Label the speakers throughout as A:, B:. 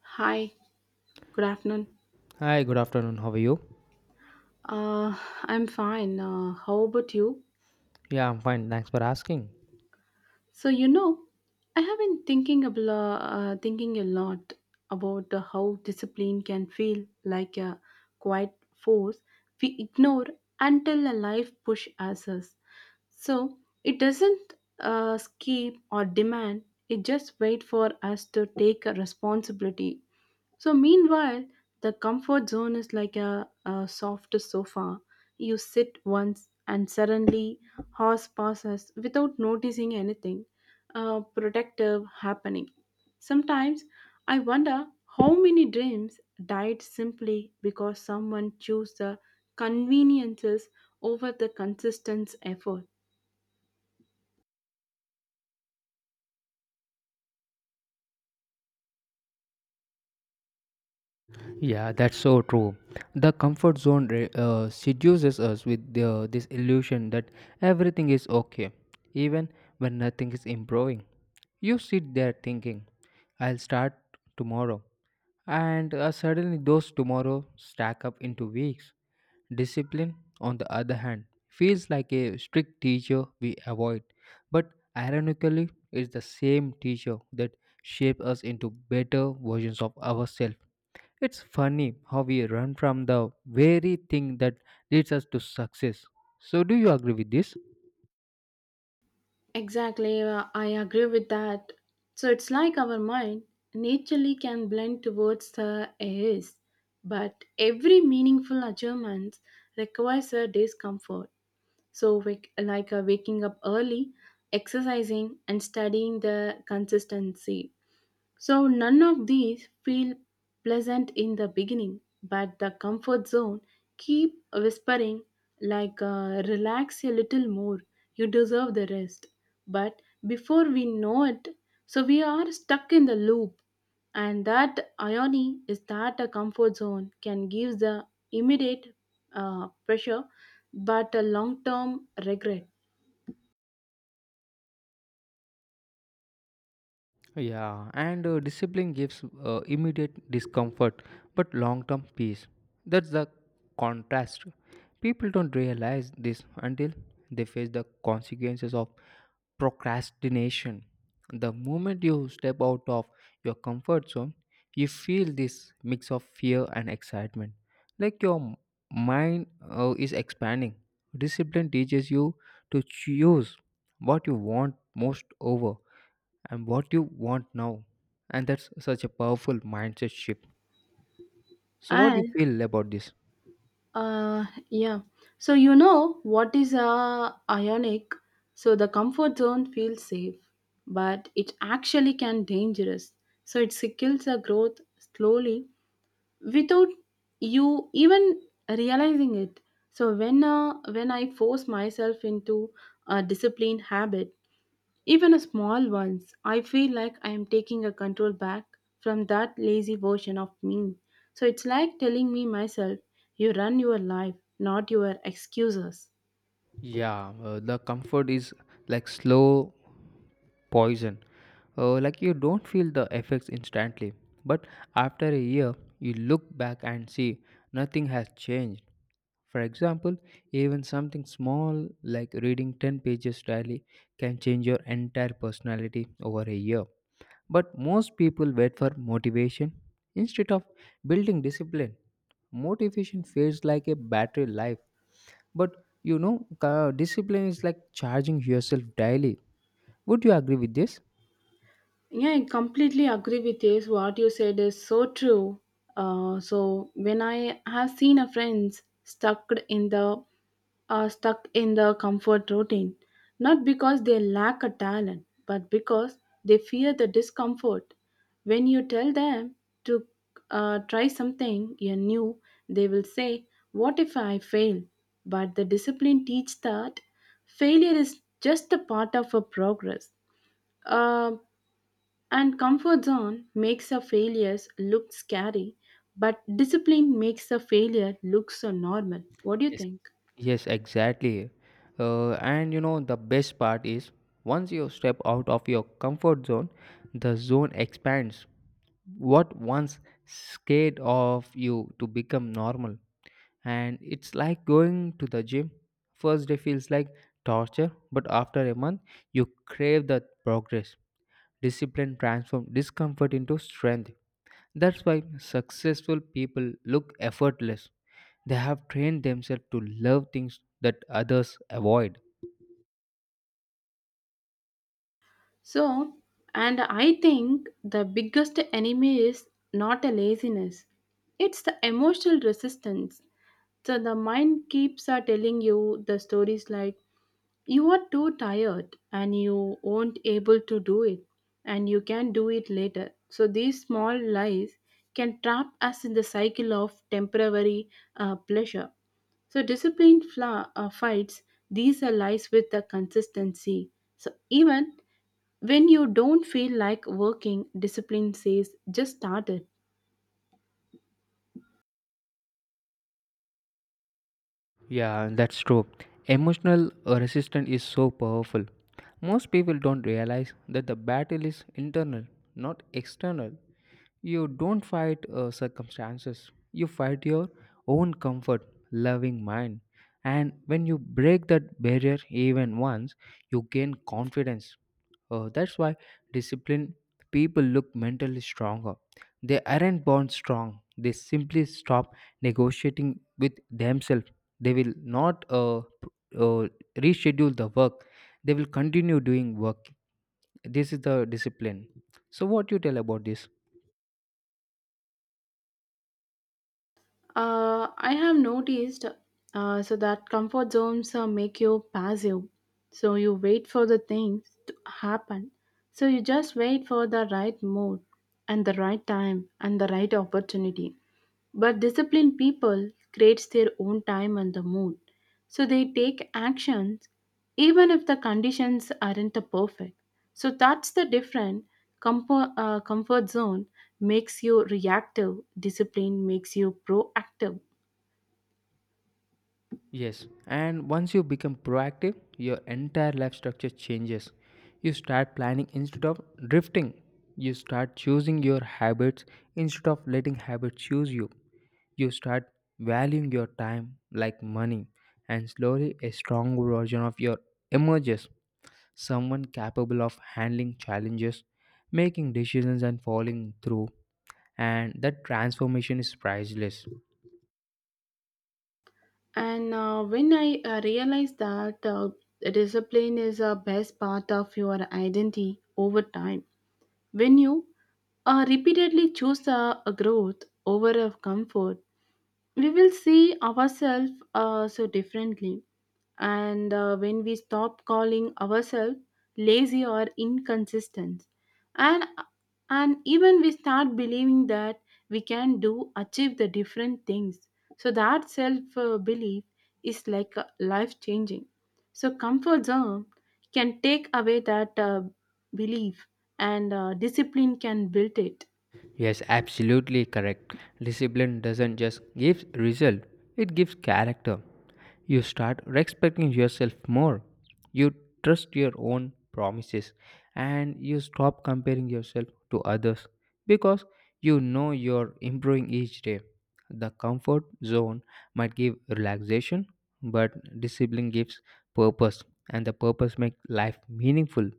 A: Hi, good afternoon.
B: Hi, good afternoon. How are you?
A: Uh, I'm fine. How about you?
B: Yeah, I'm fine. Thanks for asking.
A: So you know, I have been thinking thinking a lot about how discipline can feel like a quiet force we ignore until a life push us. So it doesn't skip or demand. It just wait for us to take a responsibility. So, meanwhile, the comfort zone is like a soft sofa. You sit once and suddenly horse passes without noticing anything protective happening. Sometimes I wonder how many dreams died simply because someone chose the conveniences over the consistent effort.
B: Yeah, that's so true. The comfort zone seduces us with this illusion that everything is okay, even when nothing is improving. You sit there thinking, I'll start tomorrow, and suddenly those tomorrow stack up into weeks. Discipline, on the other hand, feels like a strict teacher we avoid, but ironically, it's the same teacher that shapes us into better versions of ourselves. It's funny how we run from the very thing that leads us to success. So, do you agree with this?
A: Exactly, I agree with that. So it's like our mind naturally can blend towards the is, but every meaningful achievement requires a discomfort. So, waking up early, exercising, and studying the consistency. So none of these feel pleasant in the beginning, but the comfort zone keep whispering like relax a little more, you deserve the rest. But before we know it, so we are stuck in the loop, and that irony is that a comfort zone can give the immediate pressure but a long term regret.
B: Yeah, and discipline gives immediate discomfort but long term peace. That's the contrast. People don't realize this until they face the consequences of procrastination. The moment you step out of your comfort zone, you feel this mix of fear and excitement. Like your mind is expanding. Discipline teaches you to choose what you want most over and what you want now. And that's such a powerful mindset shift. So, what do you
A: And.
B: feel about this?
A: Yeah. So you know what is ionic? So the comfort zone feels safe, but it actually can dangerous. So it kills the growth slowly without you even realizing it. So when I force myself into a disciplined habit, even a small ones, I feel like I am taking a control back from that lazy version of me. So it's like telling me myself, you run your life, not your excuses.
B: Yeah, the comfort is like slow poison. Like you don't feel the effects instantly, but after a year, you look back and see nothing has changed. For example, even something small like reading 10 pages daily can change your entire personality over a year. But most people wait for motivation instead of building discipline. Motivation feels like a battery life, but you know, discipline is like charging yourself daily. Would you agree with this?
A: Yeah, I completely agree with this. What you said is so true. So when I have seen a friends stuck in the comfort routine, not because they lack a talent, but because they fear the discomfort. When you tell them to try something you new, they will say, "What if I fail?" But the discipline teach that failure is just a part of a progress. Uh, and comfort zone makes the failures look scary, but discipline makes the failure look so normal. What do you
B: Yes.
A: think?
B: Yes, exactly. And you know, the best part is once you step out of your comfort zone, the zone expands. What once scared of you to become normal and it's like going to the gym. First day feels like torture, but after a month, you crave that progress. Discipline transforms discomfort into strength. That's why successful people look effortless. They have trained themselves to love things that others avoid.
A: So, and I think the biggest enemy is not a laziness, it's the emotional resistance. So, the mind keeps telling you the stories like, you are too tired and you won't able to do it and you can do it later, so these small lies can trap us in the cycle of temporary pleasure. So discipline fights these are lies with the consistency. So even when you don't feel like working, discipline says just start it.
B: Yeah, that's true. Emotional resistance is so powerful. Most people don't realize that the battle is internal, not external. You don't fight circumstances, you fight your own comfort, loving mind. And when you break that barrier even once, you gain confidence. That's why disciplined people look mentally stronger. They aren't born strong, they simply stop negotiating with themselves. They will not uh, reschedule the work. They will continue doing work. This is the discipline. So, what you tell about this?
A: I have noticed so that comfort zones make you passive. So you wait for the things to happen. So you just wait for the right mood and the right time and the right opportunity. But disciplined people creates their own time and the mood. So they take actions even if the conditions aren't the perfect. So that's the different comfort, comfort zone makes you reactive, discipline makes you proactive.
B: Yes, and once you become proactive, your entire life structure changes. You start planning instead of drifting. You start choosing your habits instead of letting habits choose you. You start valuing your time like money, and slowly a strong version of your emerges, someone capable of handling challenges, making decisions, and following through. And that transformation is priceless.
A: And when I realized that discipline is a best part of your identity over time, when you repeatedly choose a growth over a comfort, we will see ourselves so differently. And when we stop calling ourselves lazy or inconsistent, and and even we start believing that we can do achieve the different things. So that self belief is like life changing. So comfort zone can take away that belief, and discipline can build it.
B: Yes, absolutely correct. Discipline doesn't just give result, it gives character. You start respecting yourself more. You trust your own promises and you stop comparing yourself to others because you know you're improving each day. The comfort zone might give relaxation, but discipline gives purpose and the purpose makes life meaningful.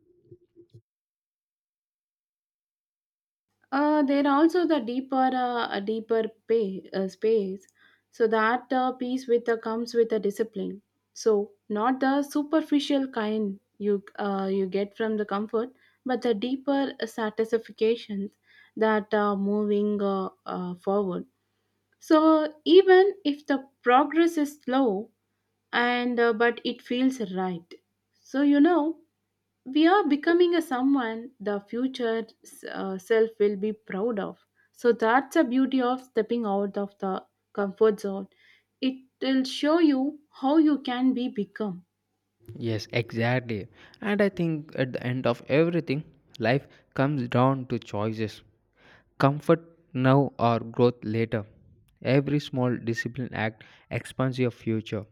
A: There also the deeper a deeper space, so that peace with comes with a discipline, so not the superficial kind you you get from the comfort, but the deeper satisfactions that are moving forward. So even if the progress is slow and but it feels right, so you know we are becoming a someone the future self will be proud of. So that's the beauty of stepping out of the comfort zone, it will show you how you can be become.
B: Yes, exactly. And I think at the end of everything, life comes down to choices: comfort now or growth later. Every small discipline act expands your future.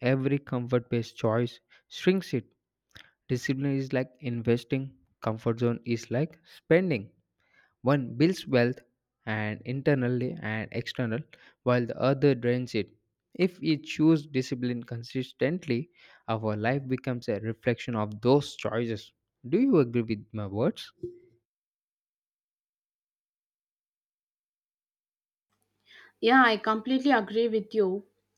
B: Every comfort based choice shrinks it. Discipline is like investing, comfort zone is like spending. One builds wealth and internally and external, while the other drains it. If we choose discipline consistently, our life becomes a reflection of those choices. Do you agree with my words?
A: Yeah, I completely agree with you,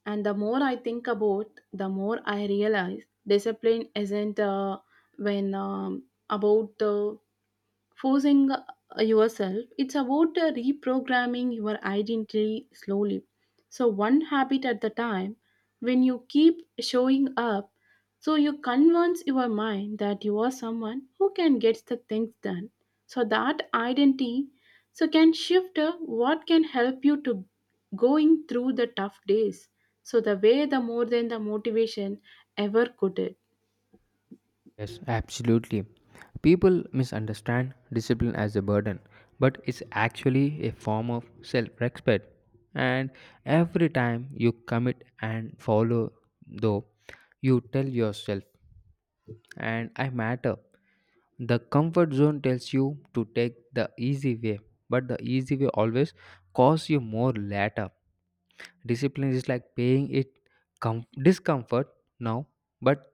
A: and the more I think about, the more I realize discipline isn't when about the forcing yourself. It's about reprogramming your identity slowly. So, one habit at the time, when you keep showing up, so you convince your mind that you are someone who can get the things done. So, that identity so can shift what can help you to going through the tough days, so the way the more than the motivation ever could it.
B: Yes, absolutely. People misunderstand discipline as a burden, but it's actually a form of self respect. And every time you commit and follow, though, you tell yourself, and I matter. The comfort zone tells you to take the easy way, but the easy way always costs you more later. Discipline is like paying it discomfort now, but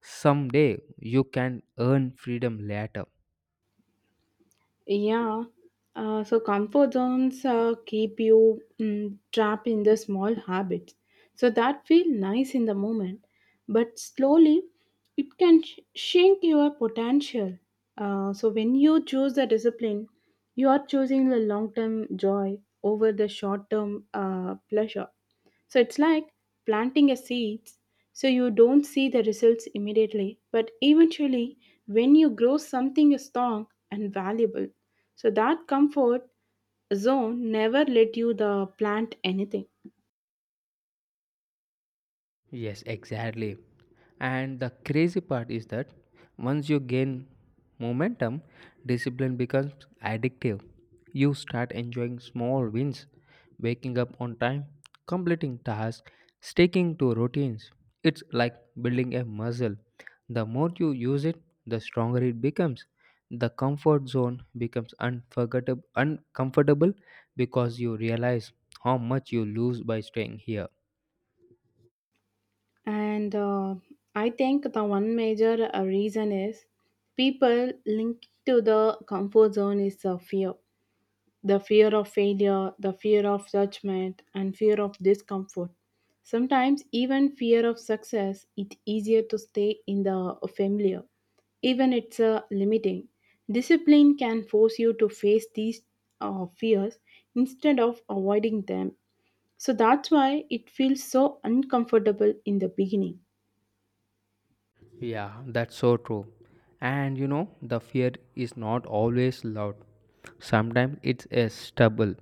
B: someday you can earn freedom later.
A: Yeah. So comfort zones keep you trapped in the small habits. So that feel nice in the moment, but slowly it can shrink your potential. So when you choose the discipline, you are choosing the long-term joy over the short-term pleasure. So it's like planting a seeds. So you don't see the results immediately, but eventually when you grow something strong and valuable. So that comfort zone never let you the plant anything.
B: Yes, exactly. And the crazy part is that once you gain momentum, discipline becomes addictive. You start enjoying small wins, waking up on time, completing tasks, sticking to routines. It's like building a muscle. The more you use it, the stronger it becomes. The comfort zone becomes unforgettable, uncomfortable because you realize how much you lose by staying here.
A: And I think the one major reason is people linked to the comfort zone is fear. The fear of failure, the fear of judgment, and fear of discomfort. Sometimes, even fear of success, it's easier to stay in the familiar, even it's limiting. Discipline can force you to face these fears instead of avoiding them. So that's why it feels so uncomfortable in the beginning.
B: Yeah, that's so true. And you know, the fear is not always loud. Sometimes it's a stubble,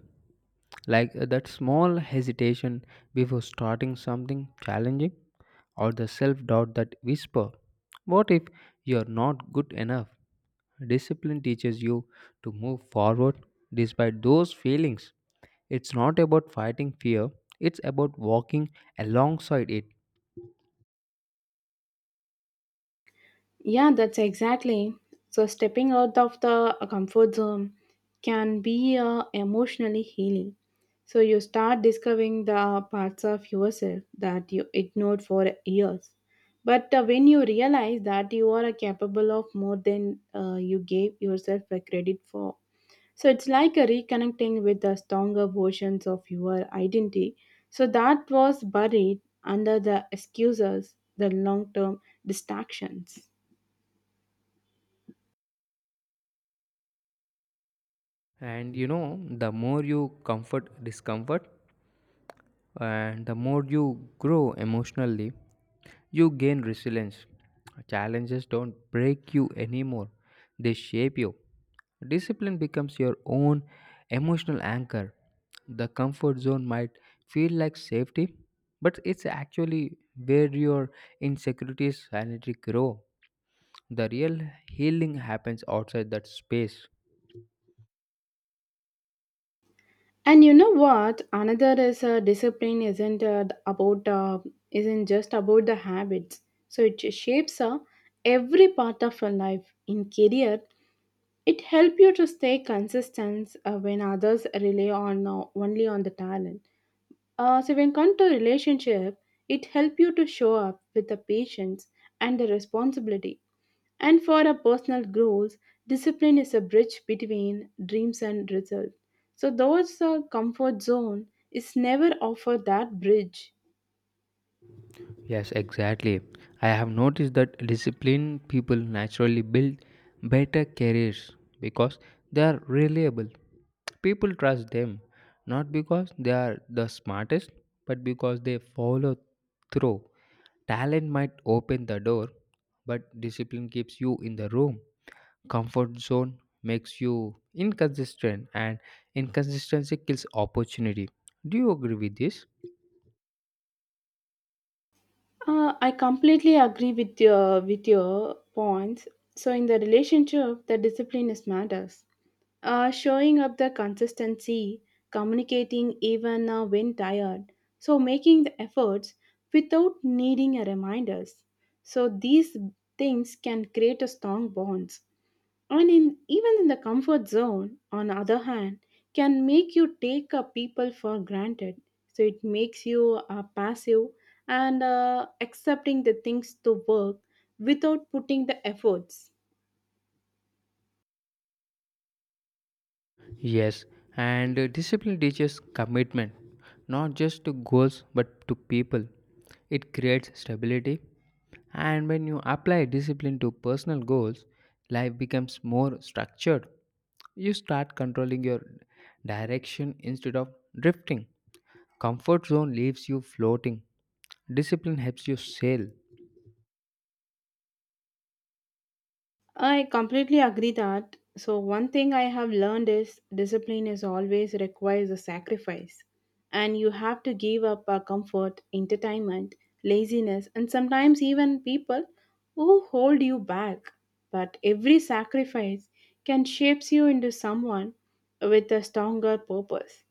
B: like that small hesitation before starting something challenging, or the self doubt that whisper, what if you're not good enough? Discipline teaches you to move forward despite those feelings. It's not about fighting fear, it's about walking alongside it.
A: Yeah, that's exactly. So stepping out of the comfort zone can be emotionally healing. So you start discovering the parts of yourself that you ignored for years. But when you realize that you are capable of more than you gave yourself a credit for, so it's like a reconnecting with the stronger versions of your identity. So that was buried under the excuses, the long-term distractions.
B: And you know, the more you comfort discomfort and the more you grow emotionally, you gain resilience. Challenges don't break you anymore, they shape you. Discipline becomes your own emotional anchor. The comfort zone might feel like safety, but it's actually where your insecurities silently grow. The real healing happens outside that space.
A: And you know what? Another is discipline isn't just about the habits. So it shapes every part of your life. In career, it helps you to stay consistent when others rely on only on the talent. So when come to relationship, it help you to show up with the patience and the responsibility. And for our personal goals, discipline is a bridge between dreams and result. So those comfort zone is never offer that bridge.
B: Yes, exactly. I have noticed that disciplined people naturally build better careers because they are reliable. People trust them not because they are the smartest, but because they follow through. Talent might open the door, but discipline keeps you in the room. Comfort zone makes you inconsistent, and inconsistency kills opportunity. Do you agree with this?
A: I completely agree with your points. So in the relationship, the discipline is matters. Showing up the consistency, communicating even when tired, so making the efforts without needing a reminders. So these things can create a strong bonds. And in, even in the comfort zone, on the other hand, can make you take people for granted. So it makes you passive and accepting the things to work without putting the efforts.
B: Yes, and discipline teaches commitment, not just to goals but to people. It creates stability, and when you apply discipline to personal goals, life becomes more structured. You start controlling your direction instead of drifting. Comfort zone leaves you floating. Discipline helps you sail.
A: I completely agree that. So one thing I have learned is discipline is always requires a sacrifice, and you have to give up our comfort, entertainment, laziness and sometimes even people who hold you back. But every sacrifice can shapes you into someone with a stronger purpose.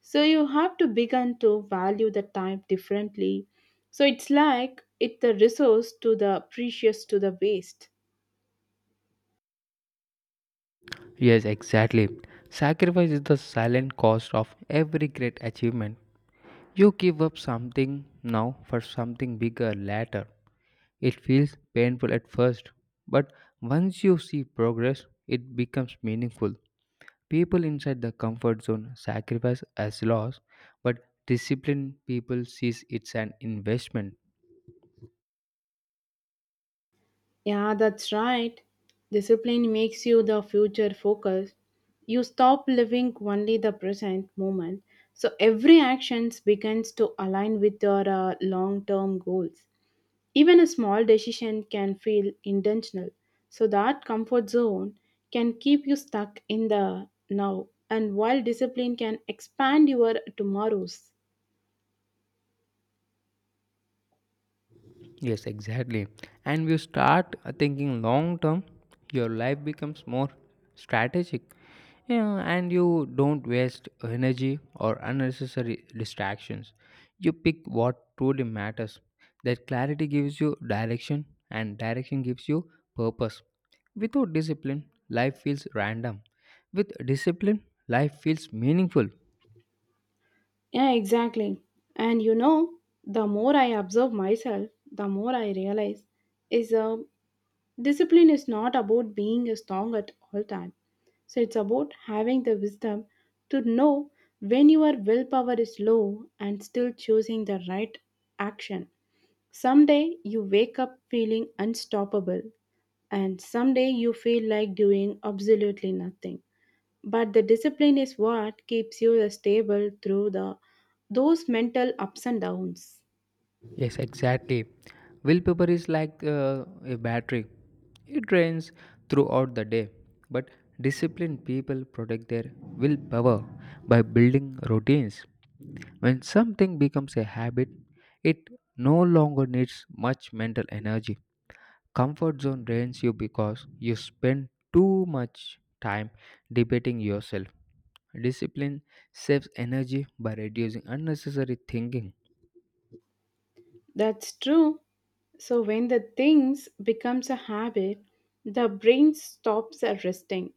A: So you have to begin to value the time differently. So it's like it's the resource to the precious to the waste.
B: Yes, exactly. Sacrifice is the silent cost of every great achievement. You give up something now for something bigger later. It feels painful at first, but once you see progress, it becomes meaningful. People inside the comfort zone sacrifice as loss, but disciplined people sees it's an investment.
A: Yeah, that's right. Discipline makes you the future focused. You stop living only the present moment. So every action begins to align with your long term goals. Even a small decision can feel intentional. So that comfort zone can keep you stuck in the now, and while discipline can expand your tomorrows.
B: Yes, exactly. And you start thinking long term, your life becomes more strategic. Yeah, and you don't waste energy or unnecessary distractions. You pick what truly matters. That clarity gives you direction, and direction gives you purpose. Without discipline, life feels random. With discipline, life feels meaningful.
A: Yeah, exactly. And you know, the more I observe myself, the more I realize is discipline is not about being strong at all time. So it's about having the wisdom to know when your willpower is low and still choosing the right action. Someday you wake up feeling unstoppable, and someday you feel like doing absolutely nothing, but the discipline is what keeps you stable through the those mental ups and downs.
B: Yes, exactly. Willpower is like a battery, it drains throughout the day. But disciplined people protect their willpower by building routines. When something becomes a habit, it no longer needs much mental energy. Comfort zone drains you because you spend too much time debating yourself. Discipline saves energy by reducing unnecessary thinking.
A: That's true. So when the things becomes a habit, the brain stops at resting.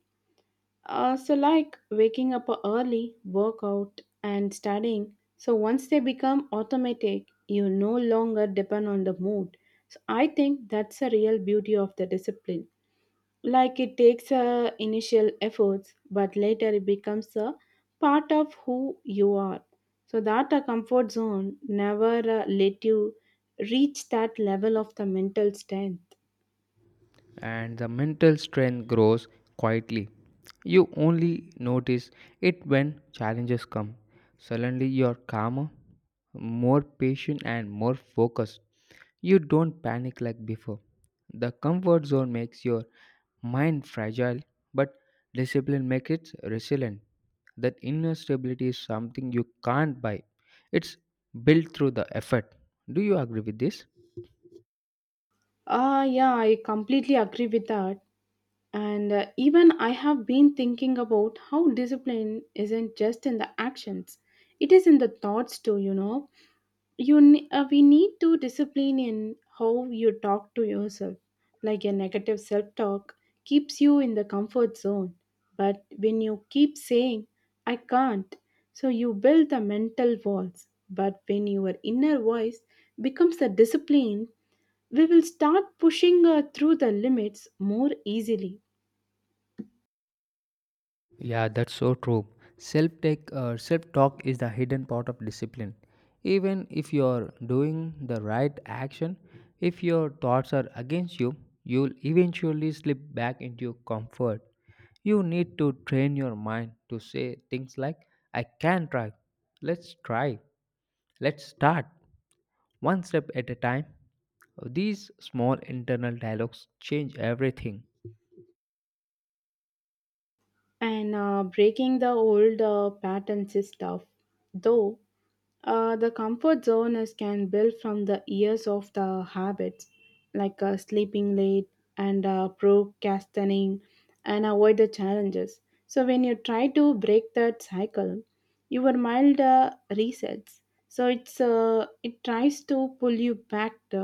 A: So like waking up early, workout, and studying. So once they become automatic, you no longer depend on the mood. So I think that's the real beauty of the discipline. Like it takes a initial efforts, but later it becomes a part of who you are. So that a comfort zone never let you reach that level of the mental strength.
B: And the mental strength grows quietly. You only notice it when challenges come. Suddenly, you are calmer, more patient, and more focused. You don't panic like before. The comfort zone makes your mind fragile, but discipline makes it resilient. That inner stability is something you can't buy, it's built through the effort. Do you agree with this?
A: Yeah, I completely agree with that. And even I have been thinking about how discipline isn't just in the actions, it is in the thoughts too, you know. We need to discipline in how you talk to yourself, like a negative self talk keeps you in the comfort zone. But when you keep saying I can't, so you build the mental walls. But when your inner voice becomes the discipline, we will start pushing through the limits more easily.
B: Yeah, that's so true. Self talk is the hidden part of discipline. Even if you're doing the right action, if your thoughts are against you, you'll eventually slip back into comfort. You need to train your mind to say things like, I can try, let's start, one step at a time. These small internal dialogues change everything.
A: And breaking the old patterns is tough, though. The comfort zone is can build from the years of the habits, like sleeping late, and procrastinating, and avoid the challenges. So when you try to break that cycle, your mind resets. So it tries to pull you back to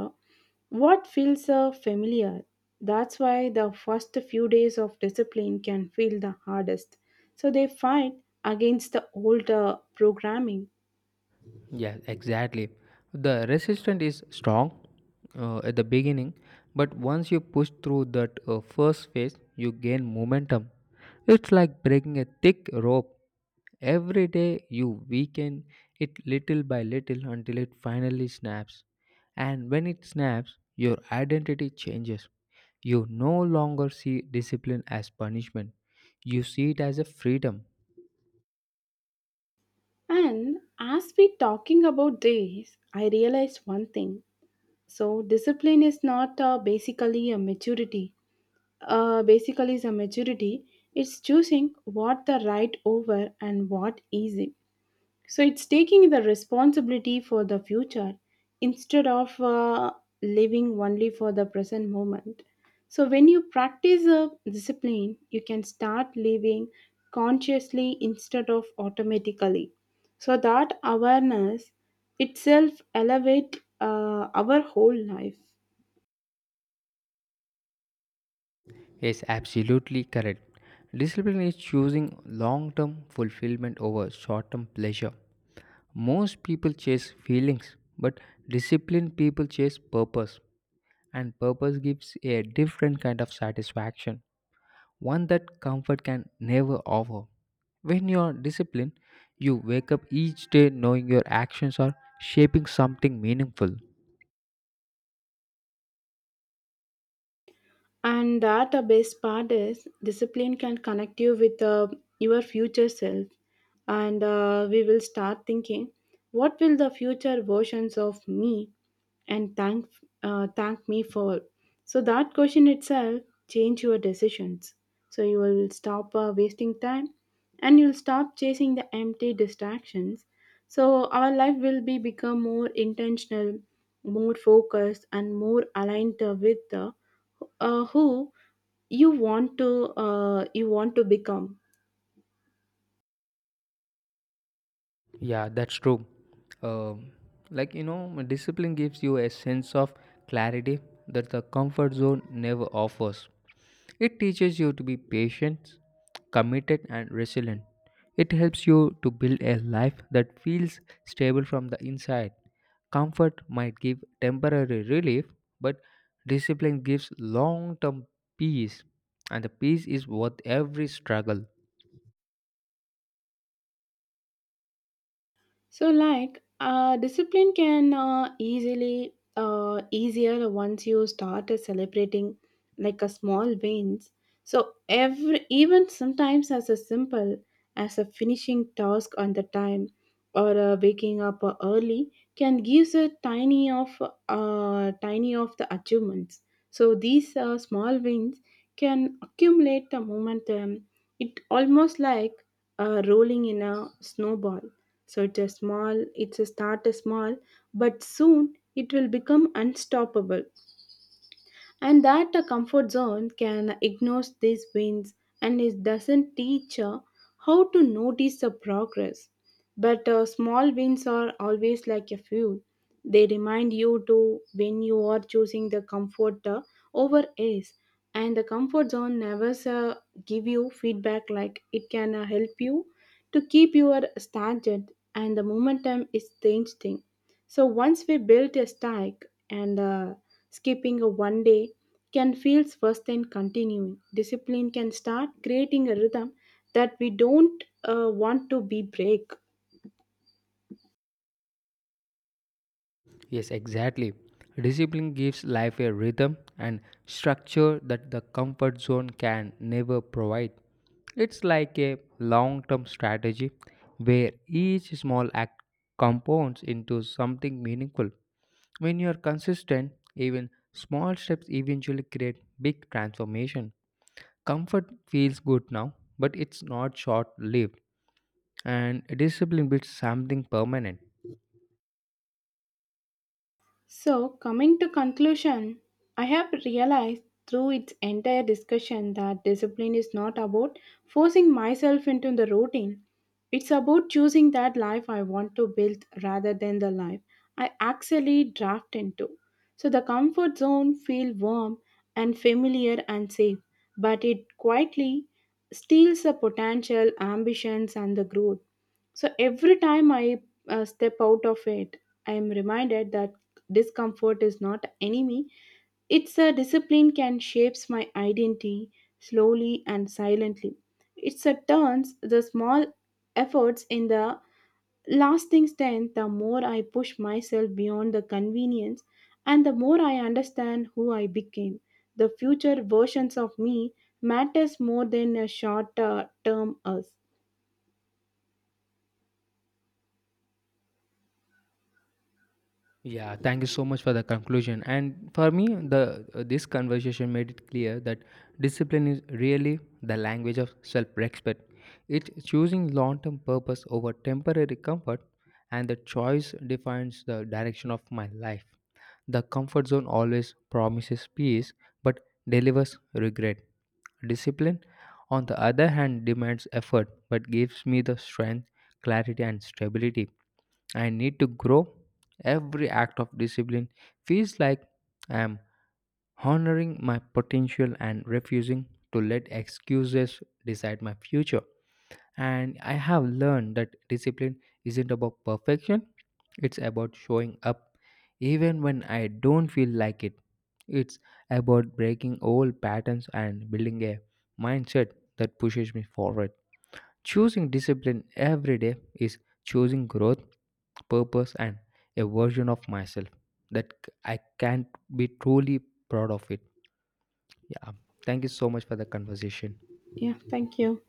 A: what feels familiar. That's why the first few days of discipline can feel the hardest. So they fight against the old programming.
B: Yeah, exactly. The resistance is strong at the beginning, but once you push through that first phase, you gain momentum. It's like breaking a thick rope. Every day you weaken it little by little until it finally snaps. And when it snaps, your identity changes. You no longer see discipline as punishment, you see it as a freedom.
A: And as we talking about this, I realized one thing. So discipline is not basically a maturity. Basically, is a maturity. It's choosing what the right over and what easy. So it's taking the responsibility for the future instead of living only for the present moment. So when you practice a discipline, you can start living consciously instead of automatically. So that awareness itself elevate our whole life.
B: Yes, absolutely correct. Discipline is choosing long term fulfillment over short term pleasure. Most people chase feelings, but disciplined people chase purpose, and purpose gives a different kind of satisfaction, one that comfort can never offer. When you are disciplined, you wake up each day knowing your actions are shaping something meaningful.
A: And that the best part is discipline can connect you with your future self. And we will start thinking, what will the future versions of me and thank me for? So that question itself change your decisions. So you will stop wasting time, and you'll stop chasing the empty distractions. So our life will be become more intentional, more focused, and more aligned with the who you want to you want to become.
B: Yeah, that's true. Um, like you know, discipline gives you a sense of clarity that the comfort zone never offers. It teaches you to be patient, committed, and resilient. It helps you to build a life that feels stable from the inside. Comfort might give temporary relief, but discipline gives long term peace, and the peace is worth every struggle.
A: So, like, discipline can easily easier once you start celebrating like a small wins. So, every even sometimes as a simple as a finishing task on the time, or waking up early can gives a tiny of the achievements. So, these small wins can accumulate the momentum. It almost like rolling in a snowball. So it's a small, it's a start is small, but soon it will become unstoppable. And that a comfort zone can ignore these wins, and it doesn't teach how to notice the progress. But small wins are always like a fuel. They remind you to when you are choosing the comfort over ace. And the comfort zone never give you feedback, like it can help you to keep your standard and the momentum is changing. So once we built a stack, and skipping a one day can feel worse than continuing. Discipline can start creating a rhythm that we don't want to be break.
B: Yes, exactly. Discipline gives life a rhythm and structure that the comfort zone can never provide. It's like a long term strategy where each small act compounds into something meaningful. When you are consistent, even small steps eventually create big transformation. Comfort feels good now, but it's not short lived, and discipline builds something permanent.
A: So, coming to conclusion, I have realized through its entire discussion that discipline is not about forcing myself into the routine. It's about choosing that life I want to build rather than the life I actually draft into. So the comfort zone feels warm and familiar and safe, but it quietly steals the potential, ambitions and the growth. So every time I step out of it, I am reminded that discomfort is not enemy. It's a discipline can shapes my identity slowly and silently. It's a turns the small efforts in the lasting strength. The more I push myself beyond the convenience, and the more I understand who I became. The future versions of me matters more than a short term us.
B: Yeah, thank you so much for the conclusion. And for me, the this conversation made it clear that discipline is really the language of self-respect. It's choosing long-term purpose over temporary comfort, and the choice defines the direction of my life. The comfort zone always promises peace but delivers regret. Discipline, on the other hand, demands effort but gives me the strength, clarity, and stability. I need to grow. Every act of discipline feels like I am honoring my potential and refusing to let excuses decide my future. And I have learned that discipline isn't about perfection, it's about showing up even when I don't feel like it. It's about breaking old patterns and building a mindset that pushes me forward. Choosing discipline every day is choosing growth, purpose, and a version of myself that I can't be truly proud of it. Yeah. Thank you so much for the conversation.
A: Yeah, thank you.